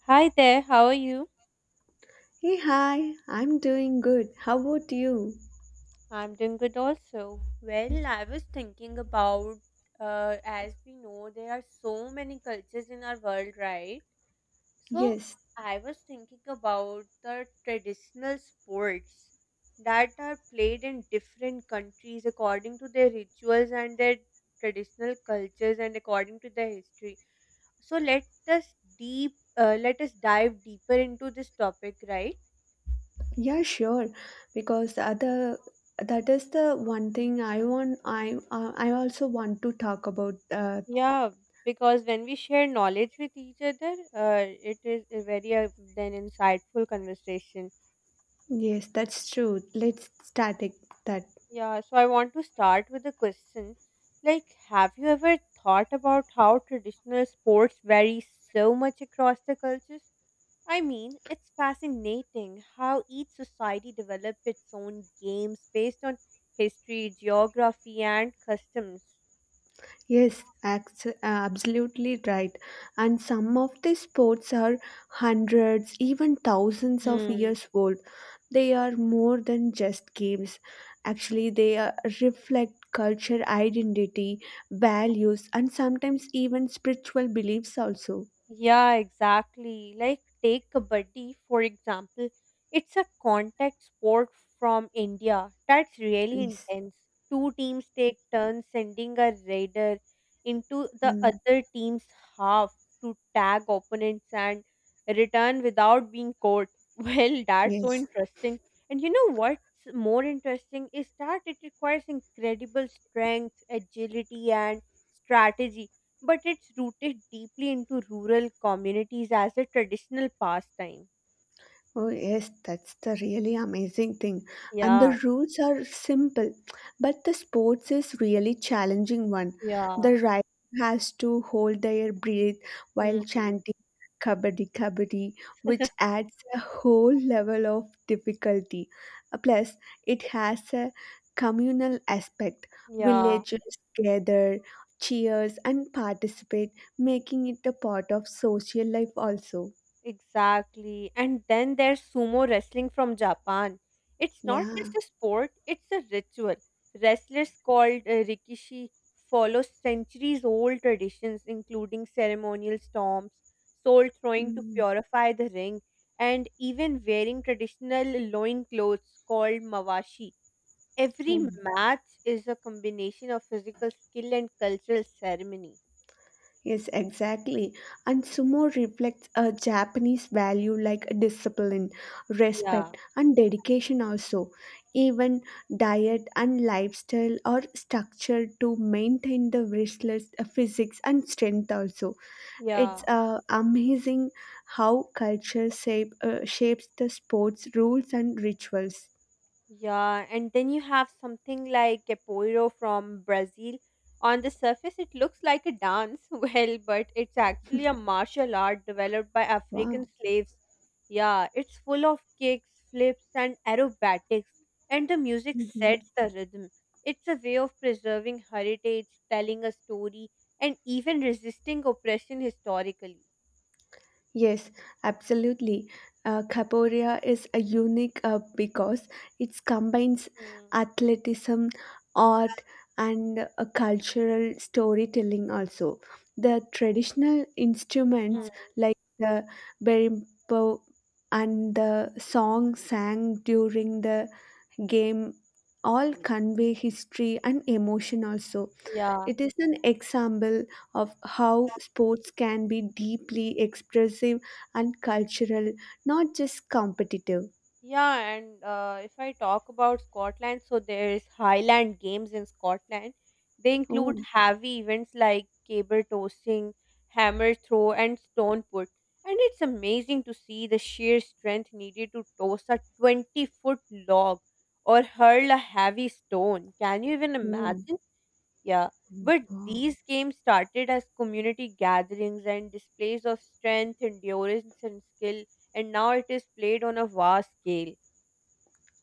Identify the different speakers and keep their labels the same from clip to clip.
Speaker 1: Hi there, how are you?
Speaker 2: Hey, hi, I'm doing good. How about you?
Speaker 1: I'm doing good also. Well, I was thinking about as we know, there are so many cultures in our world, right? So,
Speaker 2: Yes,
Speaker 1: I was thinking about the traditional sports that are played in different countries according to their rituals and their traditional cultures and according to their history. So, let us dive deeper into this topic, right?
Speaker 2: yeah, sure. Because the other that is the one thing I want. I also want to talk about. Uh,
Speaker 1: Yeah, because when we share knowledge with each other, it is a very then insightful conversation.
Speaker 2: yes, that's true. Let's start it, that.
Speaker 1: Yeah, so I want to start with a question. Like, have you ever thought about how traditional sports vary so much across the cultures? I mean, it's fascinating how each society developed its own games based on history, geography, and customs.
Speaker 2: Yes, absolutely right. And some of these sports are hundreds, even thousands of
Speaker 1: Hmm.
Speaker 2: years old. They are more than just games. Actually, they are, reflect culture, identity, values, and sometimes even spiritual beliefs, also.
Speaker 1: Yeah, exactly. Like, take Kabaddi, for example. It's a contact sport from India that's really
Speaker 2: Yes.
Speaker 1: intense. Two teams take turns sending a raider into the
Speaker 2: Mm.
Speaker 1: other team's half to tag opponents and return without being caught. Well, that's so
Speaker 2: Yes.
Speaker 1: interesting. And you know what's more interesting is that it requires incredible strength, agility, and strategy but it's rooted deeply into rural communities as a traditional pastime.
Speaker 2: Oh, yes, that's the really amazing thing. And
Speaker 1: Yeah,
Speaker 2: the rules are simple, but the sports is really challenging one.
Speaker 1: yeah.
Speaker 2: The rider has to hold their breath
Speaker 1: Hmm.
Speaker 2: while chanting kabaddi kabaddi, which adds a whole level of difficulty. Plus, it has a communal aspect.
Speaker 1: Yeah,
Speaker 2: Villagers gather, cheers, and participate, making it a part of social life also.
Speaker 1: exactly. And then there's sumo wrestling from Japan. It's not
Speaker 2: Yeah.
Speaker 1: just a sport, it's a ritual. Wrestlers called Rikishi follow centuries old traditions, including ceremonial storms, soul throwing to
Speaker 2: Mm.
Speaker 1: purify the ring, and even wearing traditional loin clothes called mawashi. Every
Speaker 2: Oh.
Speaker 1: match is a combination of physical skill and cultural ceremony.
Speaker 2: Yes, exactly. And sumo reflects a Japanese value like discipline,
Speaker 1: Yeah,
Speaker 2: respect, and dedication, also. Even diet and lifestyle are structured to maintain the wrestler's physics and strength, also. It's
Speaker 1: yeah.
Speaker 2: amazing how shapes the sport's rules and rituals.
Speaker 1: Yeah, and then you have something like capoeira from Brazil. On the surface, it looks like a dance, well, but it's actually a martial art developed by
Speaker 2: Wow.
Speaker 1: African slaves. Yeah, it's full of kicks, flips, and aerobatics, and the music
Speaker 2: Mhm.
Speaker 1: sets the rhythm. It's a way of preserving heritage, telling a story, and even resisting oppression historically.
Speaker 2: Yes, absolutely. Capoeira is a unique because it combines
Speaker 1: Mm.
Speaker 2: athleticism, art, and a cultural storytelling also. The traditional
Speaker 1: Mm,
Speaker 2: instruments like the berimbo and the song sang during the game all convey history and emotion also.
Speaker 1: yeah.
Speaker 2: It is an example of how sports can be deeply expressive and cultural, not just competitive.
Speaker 1: Yeah, and if I talk about Scotland, so there is Highland Games in Scotland. They
Speaker 2: Oh,
Speaker 1: include heavy events like cable tossing, hammer throw, and stone put. And it's amazing to see the sheer strength needed to toss a 20-foot foot log or hurl a heavy stone. Can you even
Speaker 2: oh,
Speaker 1: imagine? Yeah. But
Speaker 2: wow.
Speaker 1: these games started as community gatherings and displays of strength, endurance, and skill, and now it is played on a vast scale.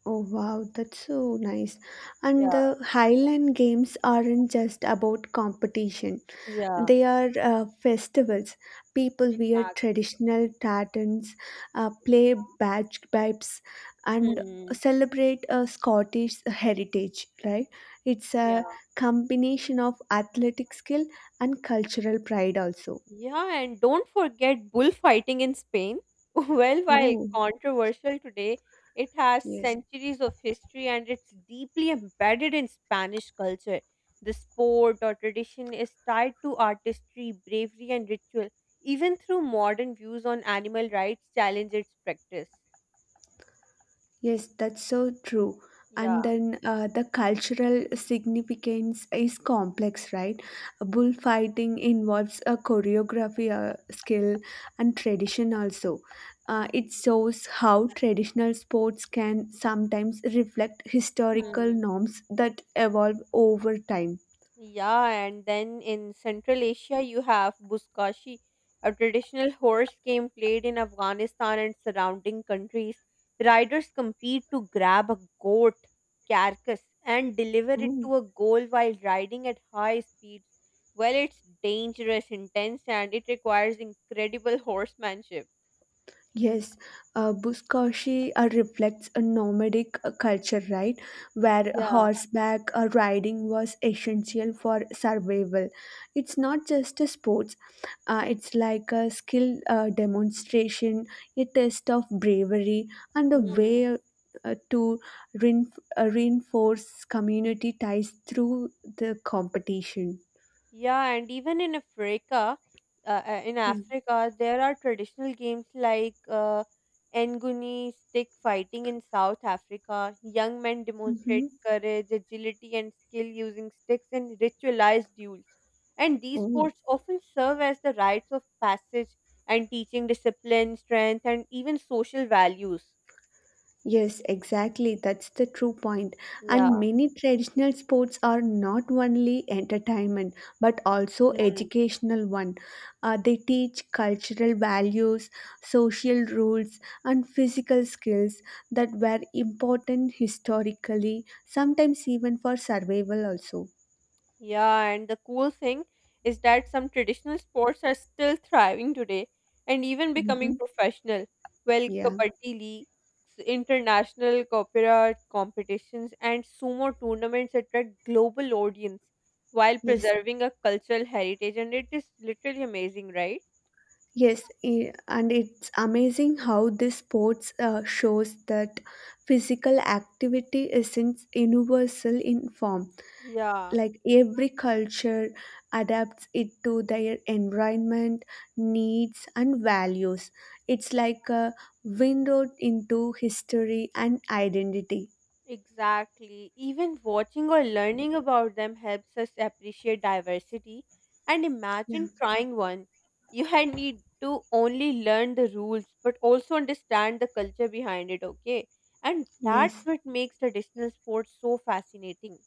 Speaker 2: Oh, wow, that's so nice. And
Speaker 1: Yeah.
Speaker 2: the Highland Games aren't just about competition,
Speaker 1: Yeah.
Speaker 2: they are festivals. People wear
Speaker 1: Exactly.
Speaker 2: traditional tartans, play badge pipes, and
Speaker 1: Hmm.
Speaker 2: celebrate a Scottish heritage. Right? It's
Speaker 1: Yeah.
Speaker 2: a combination of athletic skill and cultural pride. Also,
Speaker 1: Yeah, and don't forget bullfighting in Spain. Well, while
Speaker 2: oh
Speaker 1: controversial today, it has
Speaker 2: yes.
Speaker 1: centuries of history and it's deeply embedded in Spanish culture. The sport or tradition is tied to artistry, bravery, and ritual. Even through modern views on animal rights, challenge its practice.
Speaker 2: Yes, that's so true.
Speaker 1: Yeah.
Speaker 2: And then the cultural significance is complex, right? Bullfighting involves a choreography skill and tradition also. It shows how traditional sports can sometimes reflect historical
Speaker 1: Hmm.
Speaker 2: norms that evolve over time.
Speaker 1: Yeah, and then in Central Asia, you have Buzkashi, a traditional horse game played in Afghanistan and surrounding countries. Riders compete to grab a goat carcass and deliver it to a goal while riding at high speeds. Well, it's dangerous, intense, and it requires incredible horsemanship.
Speaker 2: Yes, Buzkashi reflects a nomadic culture, right? Where
Speaker 1: Yeah.
Speaker 2: horseback riding was essential for survival. It's not just a sport, it's like a skill demonstration, a test of bravery, and a way to rein- reinforce community ties through the competition.
Speaker 1: Yeah, and even in
Speaker 2: Yeah.
Speaker 1: Africa, there are traditional games like Nguni stick fighting in South Africa. Young men
Speaker 2: Mm-hmm.
Speaker 1: demonstrate courage, agility, and skill using sticks in ritualized duels. And these
Speaker 2: Oh.
Speaker 1: sports often serve as the rites of passage and teaching discipline, strength, and even social values.
Speaker 2: Yes, exactly. That's the true point. And
Speaker 1: Yeah.
Speaker 2: many traditional sports are not only entertainment but also
Speaker 1: Hmm.
Speaker 2: educational one. They teach cultural values, social rules, and physical skills that were important historically, sometimes even for survival also.
Speaker 1: Yeah, and the cool thing is that some traditional sports are still thriving today and even becoming
Speaker 2: Hmm.
Speaker 1: professional. Well,
Speaker 2: Yeah.
Speaker 1: kabaddi leagues, international opera competitions, and sumo tournaments attract global audience while
Speaker 2: Yes.
Speaker 1: preserving a cultural heritage, and it is literally amazing, right?
Speaker 2: Yes, and it's amazing how this sports shows that physical activity isn't universal in form.
Speaker 1: Yeah.
Speaker 2: Like every culture adapts it to their environment, needs, and values. It's like a window into history and identity.
Speaker 1: Exactly. Even watching or learning about them helps us appreciate diversity. And
Speaker 2: Yeah.
Speaker 1: imagine trying one. You had need to only learn the rules, but also understand the culture behind it, okay? And that's
Speaker 2: Yes.
Speaker 1: what makes traditional sports so fascinating.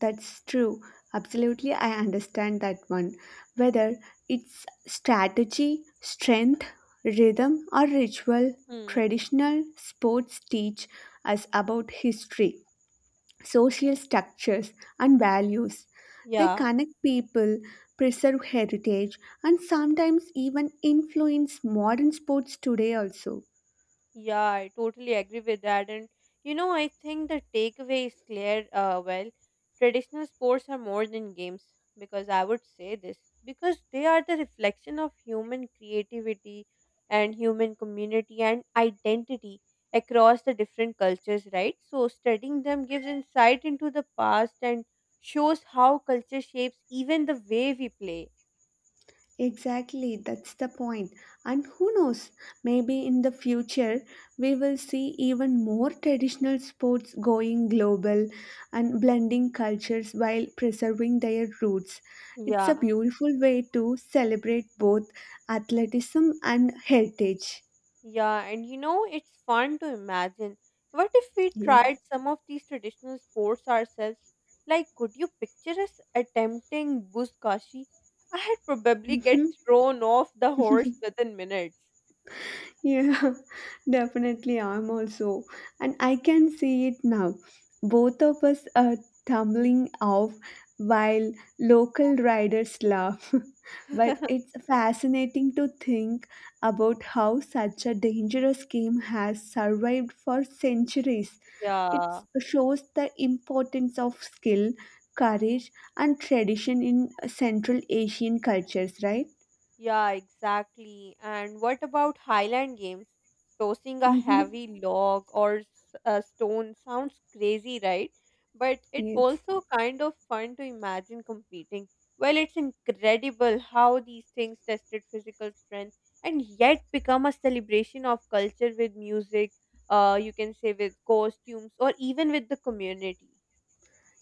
Speaker 2: That's true. Absolutely, I understand that one. Whether it's strategy, strength, rhythm, or ritual,
Speaker 1: Hmm.
Speaker 2: traditional sports teach us about history, social structures, and values. They
Speaker 1: Yeah.
Speaker 2: connect people, preserve heritage, and sometimes even influence modern sports today also.
Speaker 1: Yeah, I totally agree with that. And you know, I think the takeaway is clear. Traditional sports are more than games because I would say this because they are the reflection of human creativity and human community and identity across the different cultures, right? So, studying them gives insight into the past and shows how culture shapes even the way we play.
Speaker 2: Exactly, that's the point. And who knows, maybe in the future we will see even more traditional sports going global and blending cultures while preserving their roots. It's a
Speaker 1: Yeah.
Speaker 2: beautiful way to celebrate both athleticism and heritage.
Speaker 1: Yeah, and you know, it's fun to imagine. What if we tried
Speaker 2: Yes.
Speaker 1: some of these traditional sports ourselves? Like, could you picture us attempting buzkashi? I'd probably get
Speaker 2: Mhm.
Speaker 1: thrown off the horse within minutes.
Speaker 2: Yeah, definitely. I'm also, and I can see it now. Both of us are tumbling off while local riders laugh. But it's fascinating to think about how such a dangerous game has survived for centuries. It
Speaker 1: Yeah.
Speaker 2: shows the importance of skill, courage, and tradition in Central Asian cultures, right?
Speaker 1: Yeah, exactly. And what about Highland games? Tossing a
Speaker 2: Mm-hmm.
Speaker 1: heavy log or a stone sounds crazy, right? But it
Speaker 2: Yes.
Speaker 1: also kind of fun to imagine competing. Well, it's incredible how these things tested physical strength and yet become a celebration of culture with music, you can say with costumes or even with the community.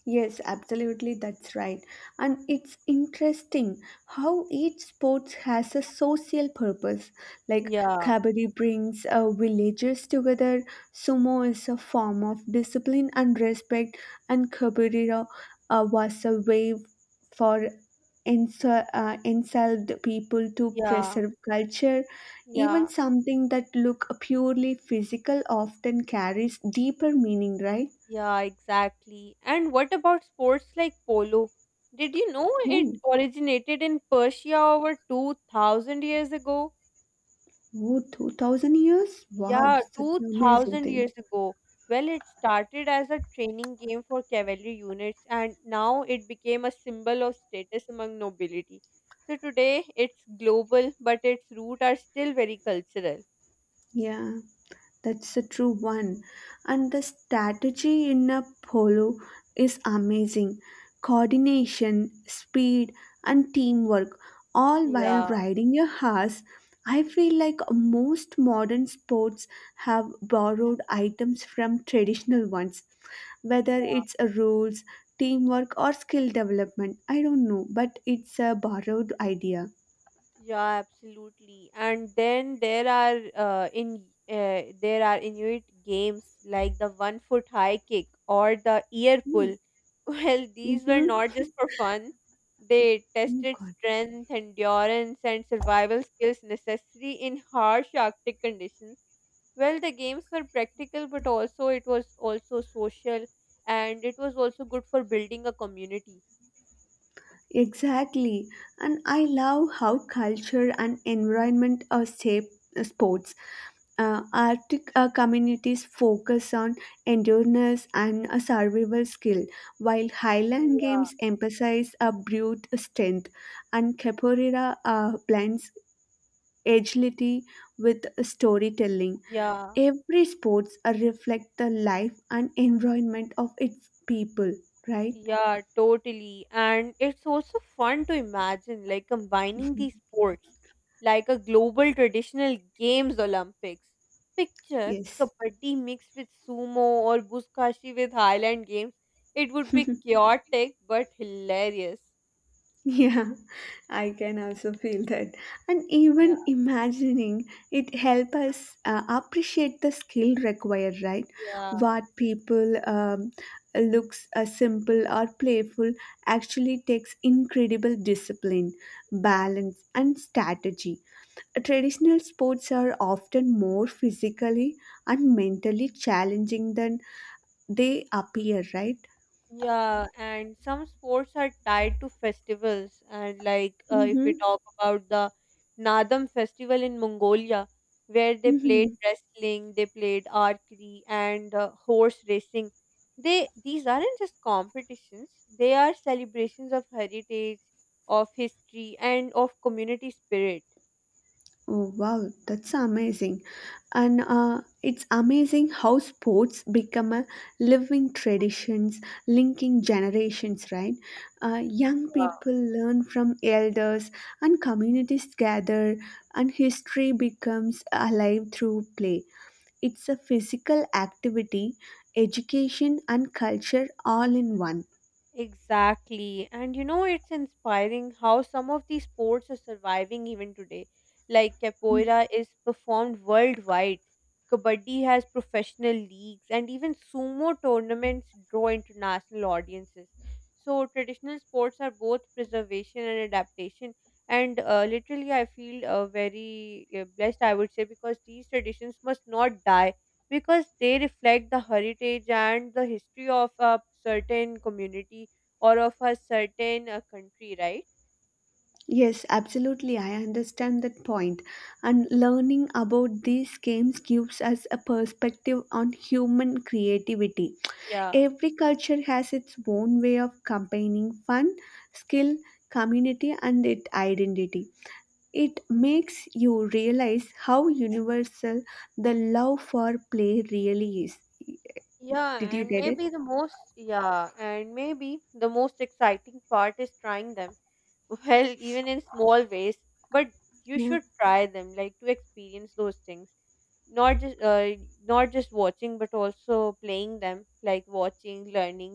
Speaker 2: Yes, absolutely, that's right. And it's interesting how each sport has a social purpose. Like
Speaker 1: Yeah,
Speaker 2: kabaddi brings villagers together, sumo is a form of discipline and respect, and kabaddi was a way for enslaved people to
Speaker 1: yeah,
Speaker 2: preserve culture. Even
Speaker 1: yeah.
Speaker 2: something that look purely physical often carries deeper meaning, right?
Speaker 1: Yeah, exactly. And what about sports like polo? Did you know it originated in Persia over 2,000 years ago?
Speaker 2: Oh, 2000 years? Wow,
Speaker 1: Yeah,
Speaker 2: such an amazing
Speaker 1: 2,000
Speaker 2: thing.
Speaker 1: years ago. Well, it started as a training game for cavalry units and now it became a symbol of status among nobility. So today it's global, but its roots are still very cultural.
Speaker 2: Yeah, that's a true one. And the strategy in a polo is amazing. Coordination, speed, and teamwork, all while
Speaker 1: Yeah.
Speaker 2: riding a horse. I feel like most modern sports have borrowed items from traditional ones, whether
Speaker 1: Yeah.
Speaker 2: it's a rules, teamwork, or skill development. I don't know, but it's a borrowed idea.
Speaker 1: Yeah, absolutely. And then there are Inuit games like the one foot high kick or the ear
Speaker 2: Hmm.
Speaker 1: pull. Well, these were not
Speaker 2: Mm-hmm.
Speaker 1: just for fun. They
Speaker 2: Oh
Speaker 1: tested
Speaker 2: God.
Speaker 1: strength, endurance, and survival skills necessary in harsh Arctic conditions. Well, the games were practical, but also it was also social, and it was also good for building a community.
Speaker 2: Exactly. And I love how culture and environment are shape sports. Arctic communities focus on endurance and a survival skill, while Highland
Speaker 1: Yeah.
Speaker 2: games emphasize a brute strength, and Capoeira blends agility with storytelling.
Speaker 1: Yeah.
Speaker 2: Every sports reflect the life and environment of its people, right?
Speaker 1: Yeah, totally. And it's also fun to imagine like combining these sports like a global traditional games Olympics. Picture
Speaker 2: Yes.
Speaker 1: kabaddi mixed with sumo or buskashi with Highland games. It would be chaotic but hilarious.
Speaker 2: Yeah, I can also feel that. And
Speaker 1: Yeah.
Speaker 2: even imagining it help us appreciate the skill required, right?
Speaker 1: Yeah.
Speaker 2: What people looks simple or playful actually takes incredible discipline, balance, and strategy. Traditional sports are often more physically and mentally challenging than they appear, right?
Speaker 1: Yeah, and some sports are tied to festivals. And like if
Speaker 2: Mm-hmm.
Speaker 1: we talk about the Nadam festival in Mongolia, where they played
Speaker 2: Mm-hmm.
Speaker 1: wrestling, they played archery and horse racing. They these aren't just competitions; they are celebrations of heritage, of history, and of community spirit.
Speaker 2: Oh, wow, that's amazing. And it's amazing how sports become a living traditions linking generations, right? Young people learn from elders, and communities gather, and history becomes alive through play. It's a physical activity, education, and culture all in one.
Speaker 1: Exactly. And you know, it's inspiring how some of these sports are surviving even today. Like
Speaker 2: Mm.
Speaker 1: capoeira is performed worldwide, kabaddi has professional leagues, and even sumo tournaments draw international audiences. So, traditional sports are both preservation and adaptation. And literally, I feel very blessed, I would say, because these traditions must not die because they reflect the heritage and the history of a certain community or of a certain country, right?
Speaker 2: Yes, absolutely. I understand that point. And learning about these games gives us a perspective on human creativity.
Speaker 1: Yeah.
Speaker 2: Every culture has its own way of combining fun, skill, community, and its identity. It makes you realize how universal the love for play really is.
Speaker 1: Yeah,
Speaker 2: Did you
Speaker 1: and
Speaker 2: get it?
Speaker 1: maybe the most exciting part is trying them. Well, even in small ways, but you
Speaker 2: Yeah.
Speaker 1: should try them, like to experience those things. not just uh, not just watching but also playing them, like watching, learning,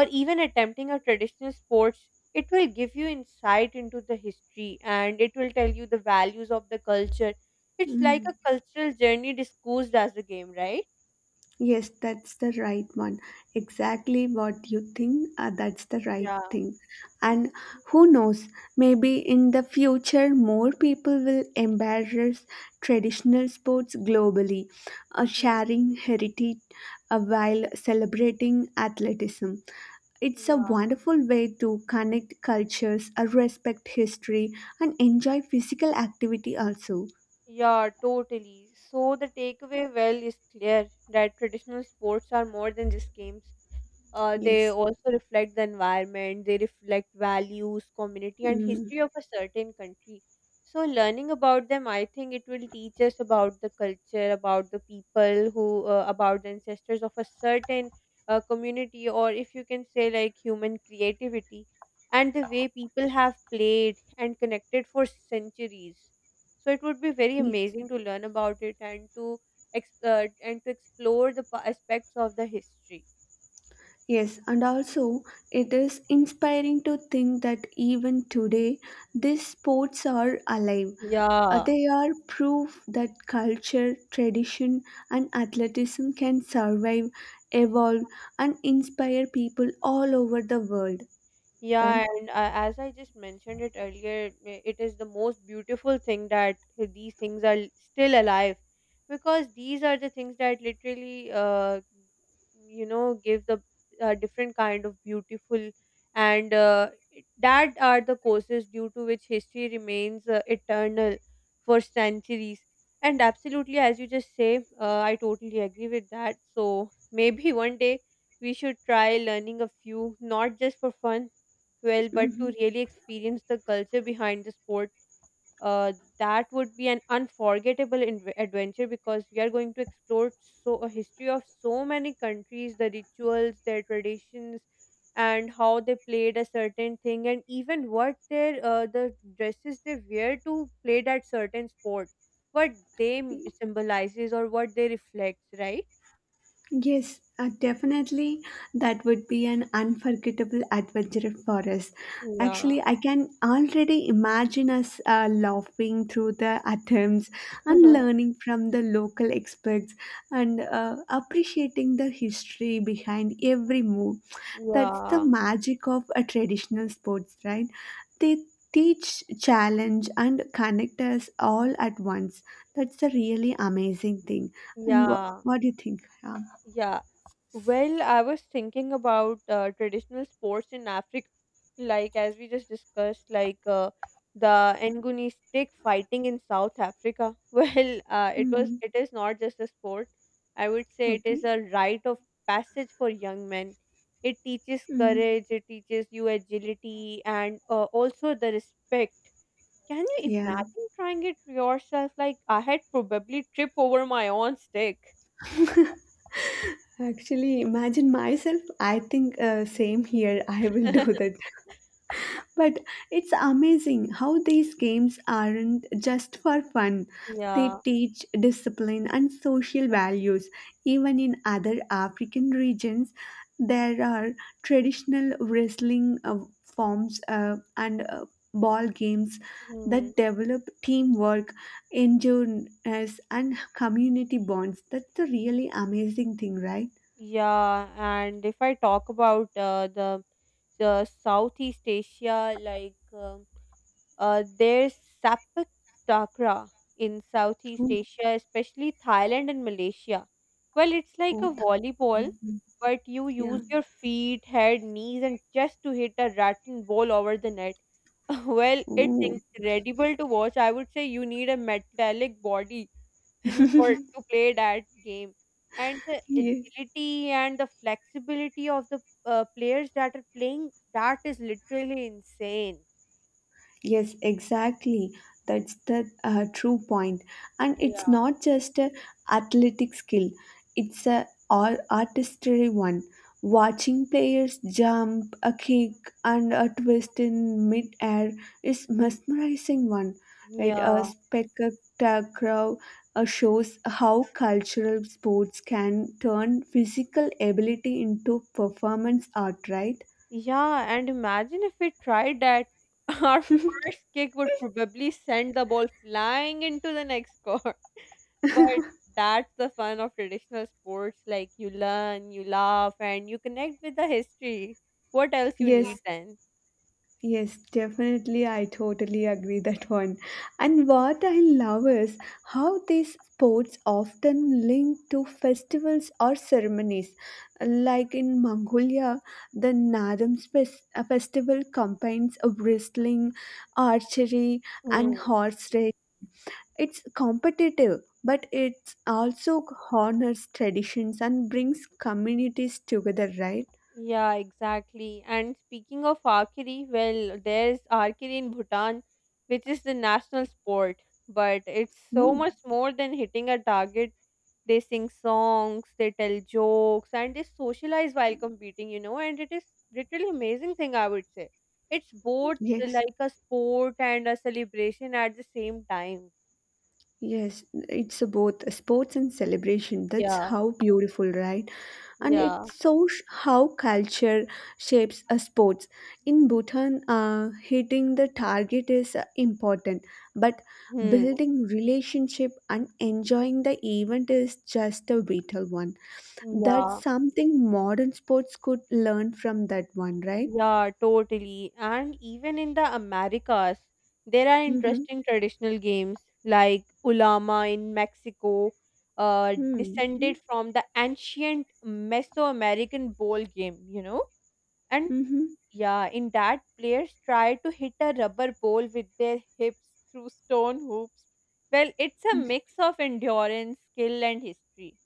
Speaker 1: or even attempting a traditional sports, it will give you insight into the history and it will tell you the values of the culture. It's like
Speaker 2: Mm.
Speaker 1: a cultural journey discussed as a game, right?
Speaker 2: Yes, that's the right one. Exactly what you think, that's the right
Speaker 1: Yeah.
Speaker 2: thing. And who knows, maybe in the future more people will embrace traditional sports globally,
Speaker 1: Hmm.
Speaker 2: sharing heritage while celebrating athleticism. It's a
Speaker 1: Yeah.
Speaker 2: wonderful way to connect cultures, respect history, and enjoy physical activity also.
Speaker 1: Yeah, totally. So the takeaway well is clear that traditional sports are more than just games. They
Speaker 2: Yes.
Speaker 1: also reflect the environment, they reflect values, community, and
Speaker 2: Mm.
Speaker 1: history of a certain country. So, learning about them, I think it will teach us about the culture, about about the ancestors of a certain community, or if you can say, like human creativity, and the way people have played and connected for centuries. So, it would be very
Speaker 2: Yes.
Speaker 1: amazing to learn about it and to and to explore the aspects of the history.
Speaker 2: Yes, and also it is inspiring to think that even today these sports are alive.
Speaker 1: Y e a
Speaker 2: Uh,
Speaker 1: h
Speaker 2: They are proof that culture, tradition, and athleticism can survive, evolve, and inspire people all over the world, right?
Speaker 1: Yeah, and as I just mentioned it earlier, it is the most beautiful thing that these things are still alive because these are the things that literally, you know, give the different kind of beautiful and that are the causes due to which history remains eternal for centuries. And absolutely, as you just say, I totally agree with that. So maybe one day we should try learning a few, not just for fun well, but to
Speaker 2: Hmm.
Speaker 1: really experience the culture behind the sport, uh, that would be an unforgettable adventure because we are going to explore so a history of so many countries, the rituals, their traditions, and how they played a certain thing, and even what their the dresses they wear to play that certain sport, what they symbolizes or what they reflects, right?
Speaker 2: Yes, definitely. That would be an unforgettable adventure for us.
Speaker 1: Yeah,
Speaker 2: Actually, I can already imagine us laughing through the attempts and learning from the local experts and appreciating the history behind every move. That's the
Speaker 1: yeah,
Speaker 2: magic of a traditional sports, right? They teach, challenge, and connect us all at once. That's a really amazing thing. And
Speaker 1: yeah,
Speaker 2: what do you think? Yeah.
Speaker 1: yeah. Well, I was thinking about traditional sports in Africa, like as we just discussed, like the Nguni stick fighting in South Africa. Well,
Speaker 2: Mhm.
Speaker 1: it is not just a sport. I would say it
Speaker 2: Okay.
Speaker 1: is a rite of passage for young men. It teaches
Speaker 2: Mm.
Speaker 1: courage, it teaches you agility, and also the respect. Can you
Speaker 2: Yeah.
Speaker 1: imagine trying it yourself? Like I had probably trip over my own stick.
Speaker 2: Actually, imagine myself. I think same here. I will do that. But it's amazing how these games aren't just for fun. They
Speaker 1: Yeah.
Speaker 2: teach discipline and social values. Even in other African regions, there are traditional wrestling forms and ball games that develop teamwork, endurance, and community bonds. That's the really amazing thing, right?
Speaker 1: Yeah, and if I talk about the Southeast Asia, like there's Sapak Takra in Southeast
Speaker 2: Oh,
Speaker 1: Asia, especially Thailand and Malaysia. Well, it's like
Speaker 2: oh,
Speaker 1: a volleyball,
Speaker 2: th-
Speaker 1: but you
Speaker 2: yeah.
Speaker 1: use your feet, head, knees, and chest to hit a rattan ball over the net. Well, it's
Speaker 2: Oh,
Speaker 1: incredible to watch. I would say you need a metallic body. Or to play that game, and the
Speaker 2: yeah.
Speaker 1: agility and the flexibility of the players that are playing that is literally insane.
Speaker 2: Yes, exactly. That's the true point. And it's
Speaker 1: Yeah.
Speaker 2: not just a athletic skill; it's a all artistry one. Watching players jump, a kick, and a twist in mid-air is mesmerizing one. Right, a
Speaker 1: yeah
Speaker 2: spectacular shows how cultural sports can turn physical ability into performance art. Right.
Speaker 1: yeah, and imagine if we tried that. Our first kick would probably send the ball flying into the next court. But that's the fun of traditional sports, like you learn, you laugh, and you connect with the history. What else you, yeah,
Speaker 2: Yes,
Speaker 1: need
Speaker 2: yes, definitely. I totally agree that one. And what I love is how these sports often link to festivals or ceremonies. Like in Mongolia, the Nadam festival combines a wrestling, archery, and
Speaker 1: then?
Speaker 2: horse race. It's competitive, but it also honors traditions and brings communities together, right?
Speaker 1: Yeah, exactly. And speaking of archery, well, there's archery in Bhutan, which is the national sport, but it's so
Speaker 2: Mm.
Speaker 1: much more than hitting a target. They sing songs, they tell jokes, and they socialize while competing, you know, and it is literally amazing thing, I would say. It's both
Speaker 2: Yes.
Speaker 1: like a sport and a celebration at the same time.
Speaker 2: Yes, it's a both a sports and celebration. That's
Speaker 1: Yeah,
Speaker 2: how beautiful, right? And it
Speaker 1: yeah.
Speaker 2: shows how culture shapes a sports. In Bhutan, hitting the target is important, but
Speaker 1: Hmm.
Speaker 2: building relationship and enjoying the event is just a vital one. That's
Speaker 1: Yeah.
Speaker 2: something modern sports could learn from that one, right?
Speaker 1: Yeah, totally. And even in the Americas, there are
Speaker 2: Mm-hmm.
Speaker 1: interesting traditional games like Ulama in Mexico,
Speaker 2: Mm-hmm.
Speaker 1: descended from the ancient Mesoamerican ball game, you know? And
Speaker 2: Mm-hmm.
Speaker 1: yeah, in that, players try to hit a rubber ball with their hips through stone hoops. Well, it's a mix of endurance, skill, and history.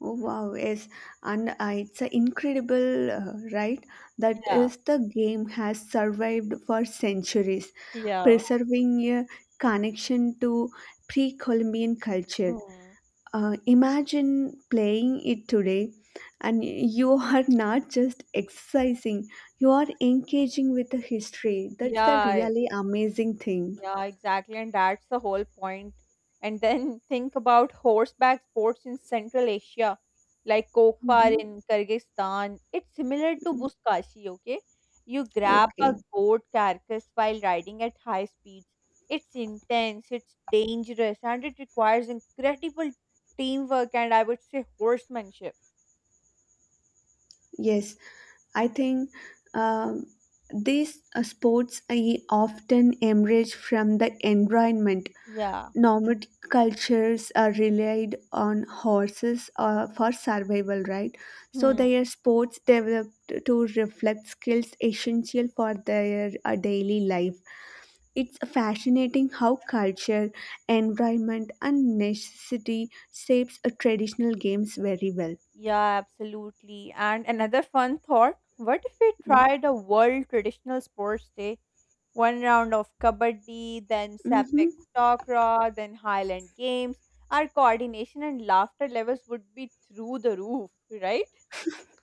Speaker 2: Oh wow, yes, and it's a incredible, right? That
Speaker 1: Yeah,
Speaker 2: is the game has survived for centuries,
Speaker 1: yeah.
Speaker 2: preserving a connection to pre-Columbian culture.
Speaker 1: Hmm.
Speaker 2: Imagine playing it today, and you are not just exercising; you are engaging with the history. That's the
Speaker 1: Yeah,
Speaker 2: really amazing thing.
Speaker 1: yeah, exactly. And that's the whole point. And then think about horseback sports in Central Asia, like Kokpar
Speaker 2: Mhm.
Speaker 1: in Kyrgyzstan. It's similar to Buzkashi, okay? You grab a
Speaker 2: Okay.
Speaker 1: goat carcass while riding at high speeds. It's intense, it's dangerous, and it requires incredible teamwork and I would say horsemanship.
Speaker 2: Yes. I think um, these sports I often emerge from the environment.
Speaker 1: Yeah.
Speaker 2: Nomadic cultures are relied on horses for survival, right? So
Speaker 1: Hmm.
Speaker 2: their sports developed to reflect skills essential for their daily life. It's fascinating how culture, environment, and necessity shapes traditional games very well.
Speaker 1: Yeah, absolutely. And another fun thought, what if we
Speaker 2: Yeah.
Speaker 1: tried a world traditional sports day? One round of kabaddi, then sapak
Speaker 2: Mm-hmm.
Speaker 1: takra, then Highland games. Our coordination and laughter levels would be through the roof, right?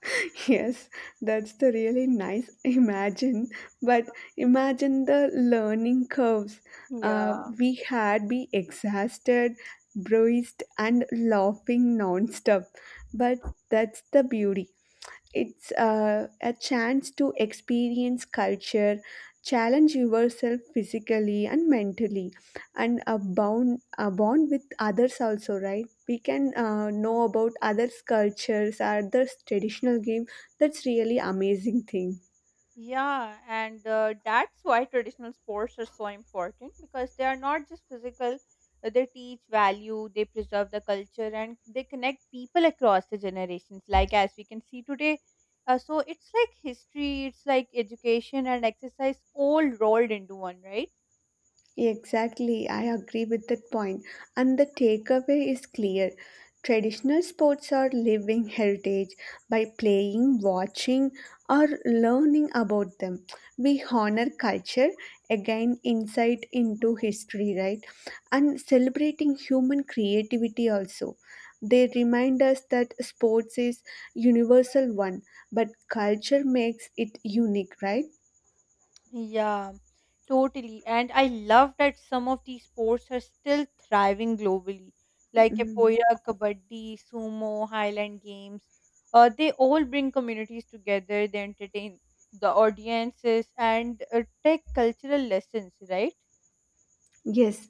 Speaker 2: Yes, that's the really nice imagine. But imagine the learning curves. Uh,
Speaker 1: Yeah.
Speaker 2: we had be exhausted, bruised, and laughing nonstop. But that's the beauty. It's a chance to experience culture, challenge yourself physically and mentally, and a bond with others also, right? We can know about others' cultures, others' traditional game. That's really amazing thing.
Speaker 1: Yeah, and that's why traditional sports are so important, because they are not just physical, they teach value, they preserve the culture, and they connect people across the generations, like as we can see today. So it's like history, it's like education and exercise all rolled into one, right?
Speaker 2: Exactly, I agree with that point. And the takeaway is clear. Traditional sports are living heritage by playing, watching, or learning about them. We honor culture, again, insight into history, right? And celebrating human creativity also. They remind us that sports is universal one, but culture makes it unique, right?
Speaker 1: Yeah, totally. And I love that some of these sports are still thriving globally, like
Speaker 2: Mm.
Speaker 1: Epoya, Kabaddi, Sumo, Highland Games. They all bring communities together, they entertain the audiences and take cultural lessons, right?
Speaker 2: Yes,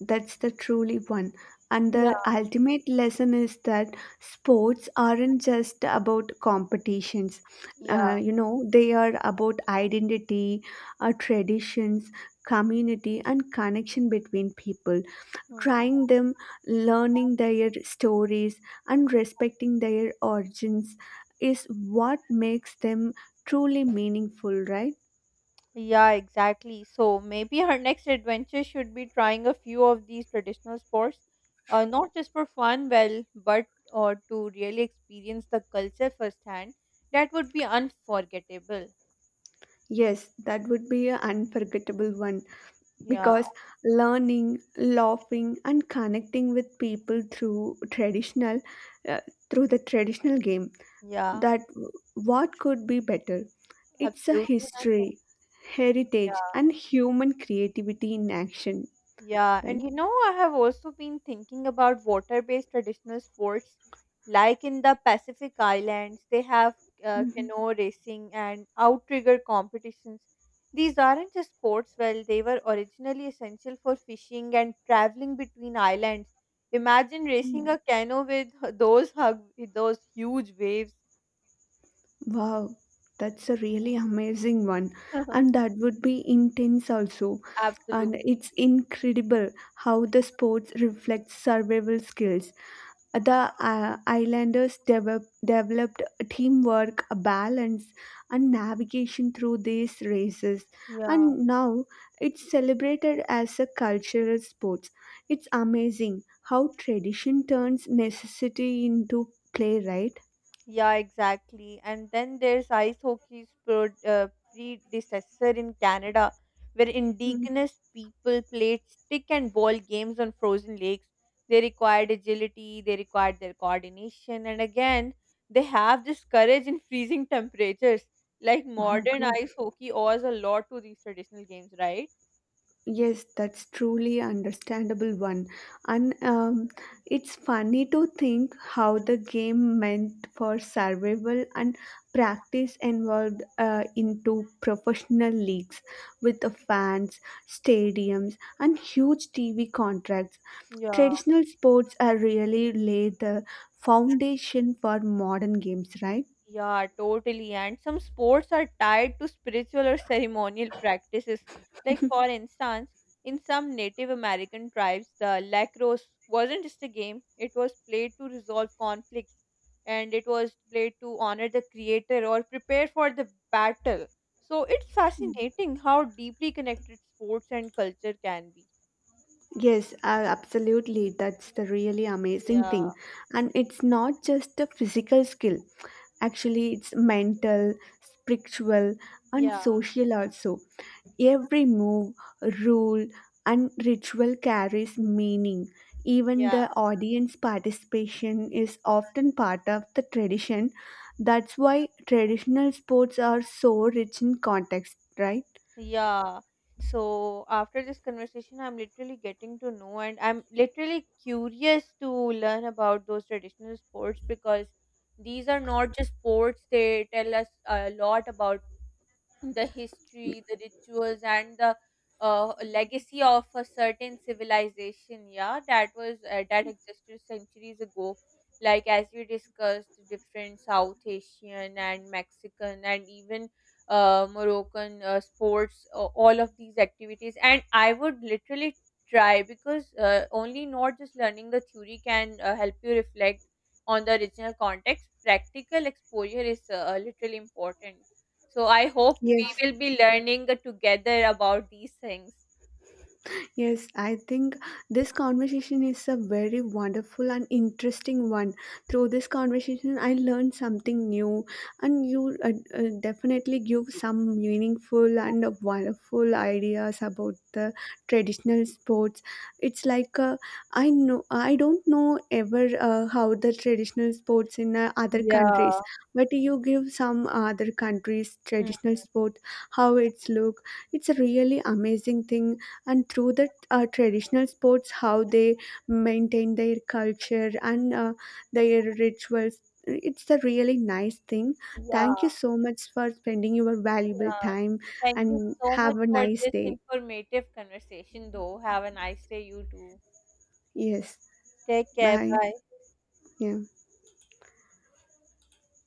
Speaker 2: that's the truly one. And
Speaker 1: Yeah,
Speaker 2: the ultimate lesson is that sports aren't just about competitions. Uh,
Speaker 1: yeah.
Speaker 2: you know, they are about identity, traditions, community, and connection between people.
Speaker 1: Hmm.
Speaker 2: Trying them, learning their stories, and respecting their origins is what makes them truly meaningful, right?
Speaker 1: Yeah, exactly. So maybe her next adventure should be trying a few of these traditional sports, not just for fun, well, but or to really experience the culture firsthand. That would be unforgettable.
Speaker 2: Yes, that would be an unforgettable one.
Speaker 1: Yeah,
Speaker 2: Because learning, laughing, and connecting with people through uh, the traditional game,
Speaker 1: yeah,
Speaker 2: that what could be better? It's a
Speaker 1: absolutely. Nothing.
Speaker 2: history, heritage,
Speaker 1: Yeah.
Speaker 2: and human creativity in action,
Speaker 1: Yeah, and
Speaker 2: right?
Speaker 1: you know, I have also been thinking about water-based traditional sports. Like in the Pacific Islands, they have
Speaker 2: Hmm.
Speaker 1: canoe racing and outrigger competitions. These aren't just sports, well, they were originally essential for fishing and traveling between islands. Imagine racing a canoe with those hug, those huge waves.
Speaker 2: Wow, that's a really amazing one, and that would be intense also. And
Speaker 1: Absolutely.
Speaker 2: it's incredible how the sports reflects survival skills. The islanders developed teamwork, balance, and navigation through these races,
Speaker 1: Yeah.
Speaker 2: and now it's celebrated as a cultural sport. It's amazing how tradition turns necessity into play, right?
Speaker 1: Yeah, exactly. And then there's predecessor in Canada, where
Speaker 2: Mm.
Speaker 1: indigenous people played stick and ball games on frozen lakes. They required agility, they required their coordination, and again, they have this courage in freezing temperatures. Like
Speaker 2: Oh,
Speaker 1: modern
Speaker 2: God.
Speaker 1: ice hockey owes a lot to these traditional games, right?
Speaker 2: Yes, that's truly understandable one. And it's funny to think how the game meant for survival and practice involved into professional leagues with the fans, stadiums, and huge TV contracts.
Speaker 1: Yeah.
Speaker 2: Traditional sports are really lay the foundation for modern games, right?
Speaker 1: Yeah, totally. And some sports are tied to spiritual or ceremonial practices. Like, for instance, in some Native American tribes, the lacrosse wasn't just a game, it was played to resolve conflicts and it was played to honor the creator or prepare for the battle. So, it's fascinating how deeply connected sports and culture can be.
Speaker 2: Yes, absolutely. That's the really amazing
Speaker 1: Yeah,
Speaker 2: thing. And it's not just a physical skill. Actually, it's mental, spiritual, and
Speaker 1: yeah,
Speaker 2: social also. Every move, rule, and ritual carries meaning. Even
Speaker 1: yeah.
Speaker 2: the audience participation is often part of the tradition. That's why traditional sports are so rich in context, right?
Speaker 1: Yeah. So after this conversation, I'm literally getting to know, and I'm literally curious to learn about those traditional sports, because these are not just sports, they tell us a lot about the history, the rituals, and the legacy of a certain civilization. That existed centuries ago. Like as we discussed, different South Asian and Mexican and even Moroccan sports, all of these activities, and I would literally try because only not just learning the theory can help you reflect on the original context. Practical exposure is literally important. So I hope we
Speaker 2: Yes,
Speaker 1: will be learning together about these things.
Speaker 2: yes, I think this conversation is a very wonderful and interesting one. Through this conversation, I learned something new, and you definitely give some meaningful and wonderful ideas about the traditional sports. It's like I know I don't know ever how the traditional sports in other countries,
Speaker 1: Yeah.
Speaker 2: but you give some other countries
Speaker 1: Mm.
Speaker 2: traditional sport how it's look. It's a really amazing thing, and through the traditional sports how they maintain their culture and their rituals, it's a really nice thing. Thank you
Speaker 1: Yeah,
Speaker 2: so much for spending your valuable
Speaker 1: yeah.
Speaker 2: time
Speaker 1: Thank you
Speaker 2: and
Speaker 1: so
Speaker 2: have
Speaker 1: much
Speaker 2: a
Speaker 1: for
Speaker 2: nice
Speaker 1: this
Speaker 2: day.
Speaker 1: informative conversation, though. Have a nice day, you too.
Speaker 2: Yes,
Speaker 1: Take care.
Speaker 2: bye,
Speaker 1: Bye.
Speaker 2: yeah.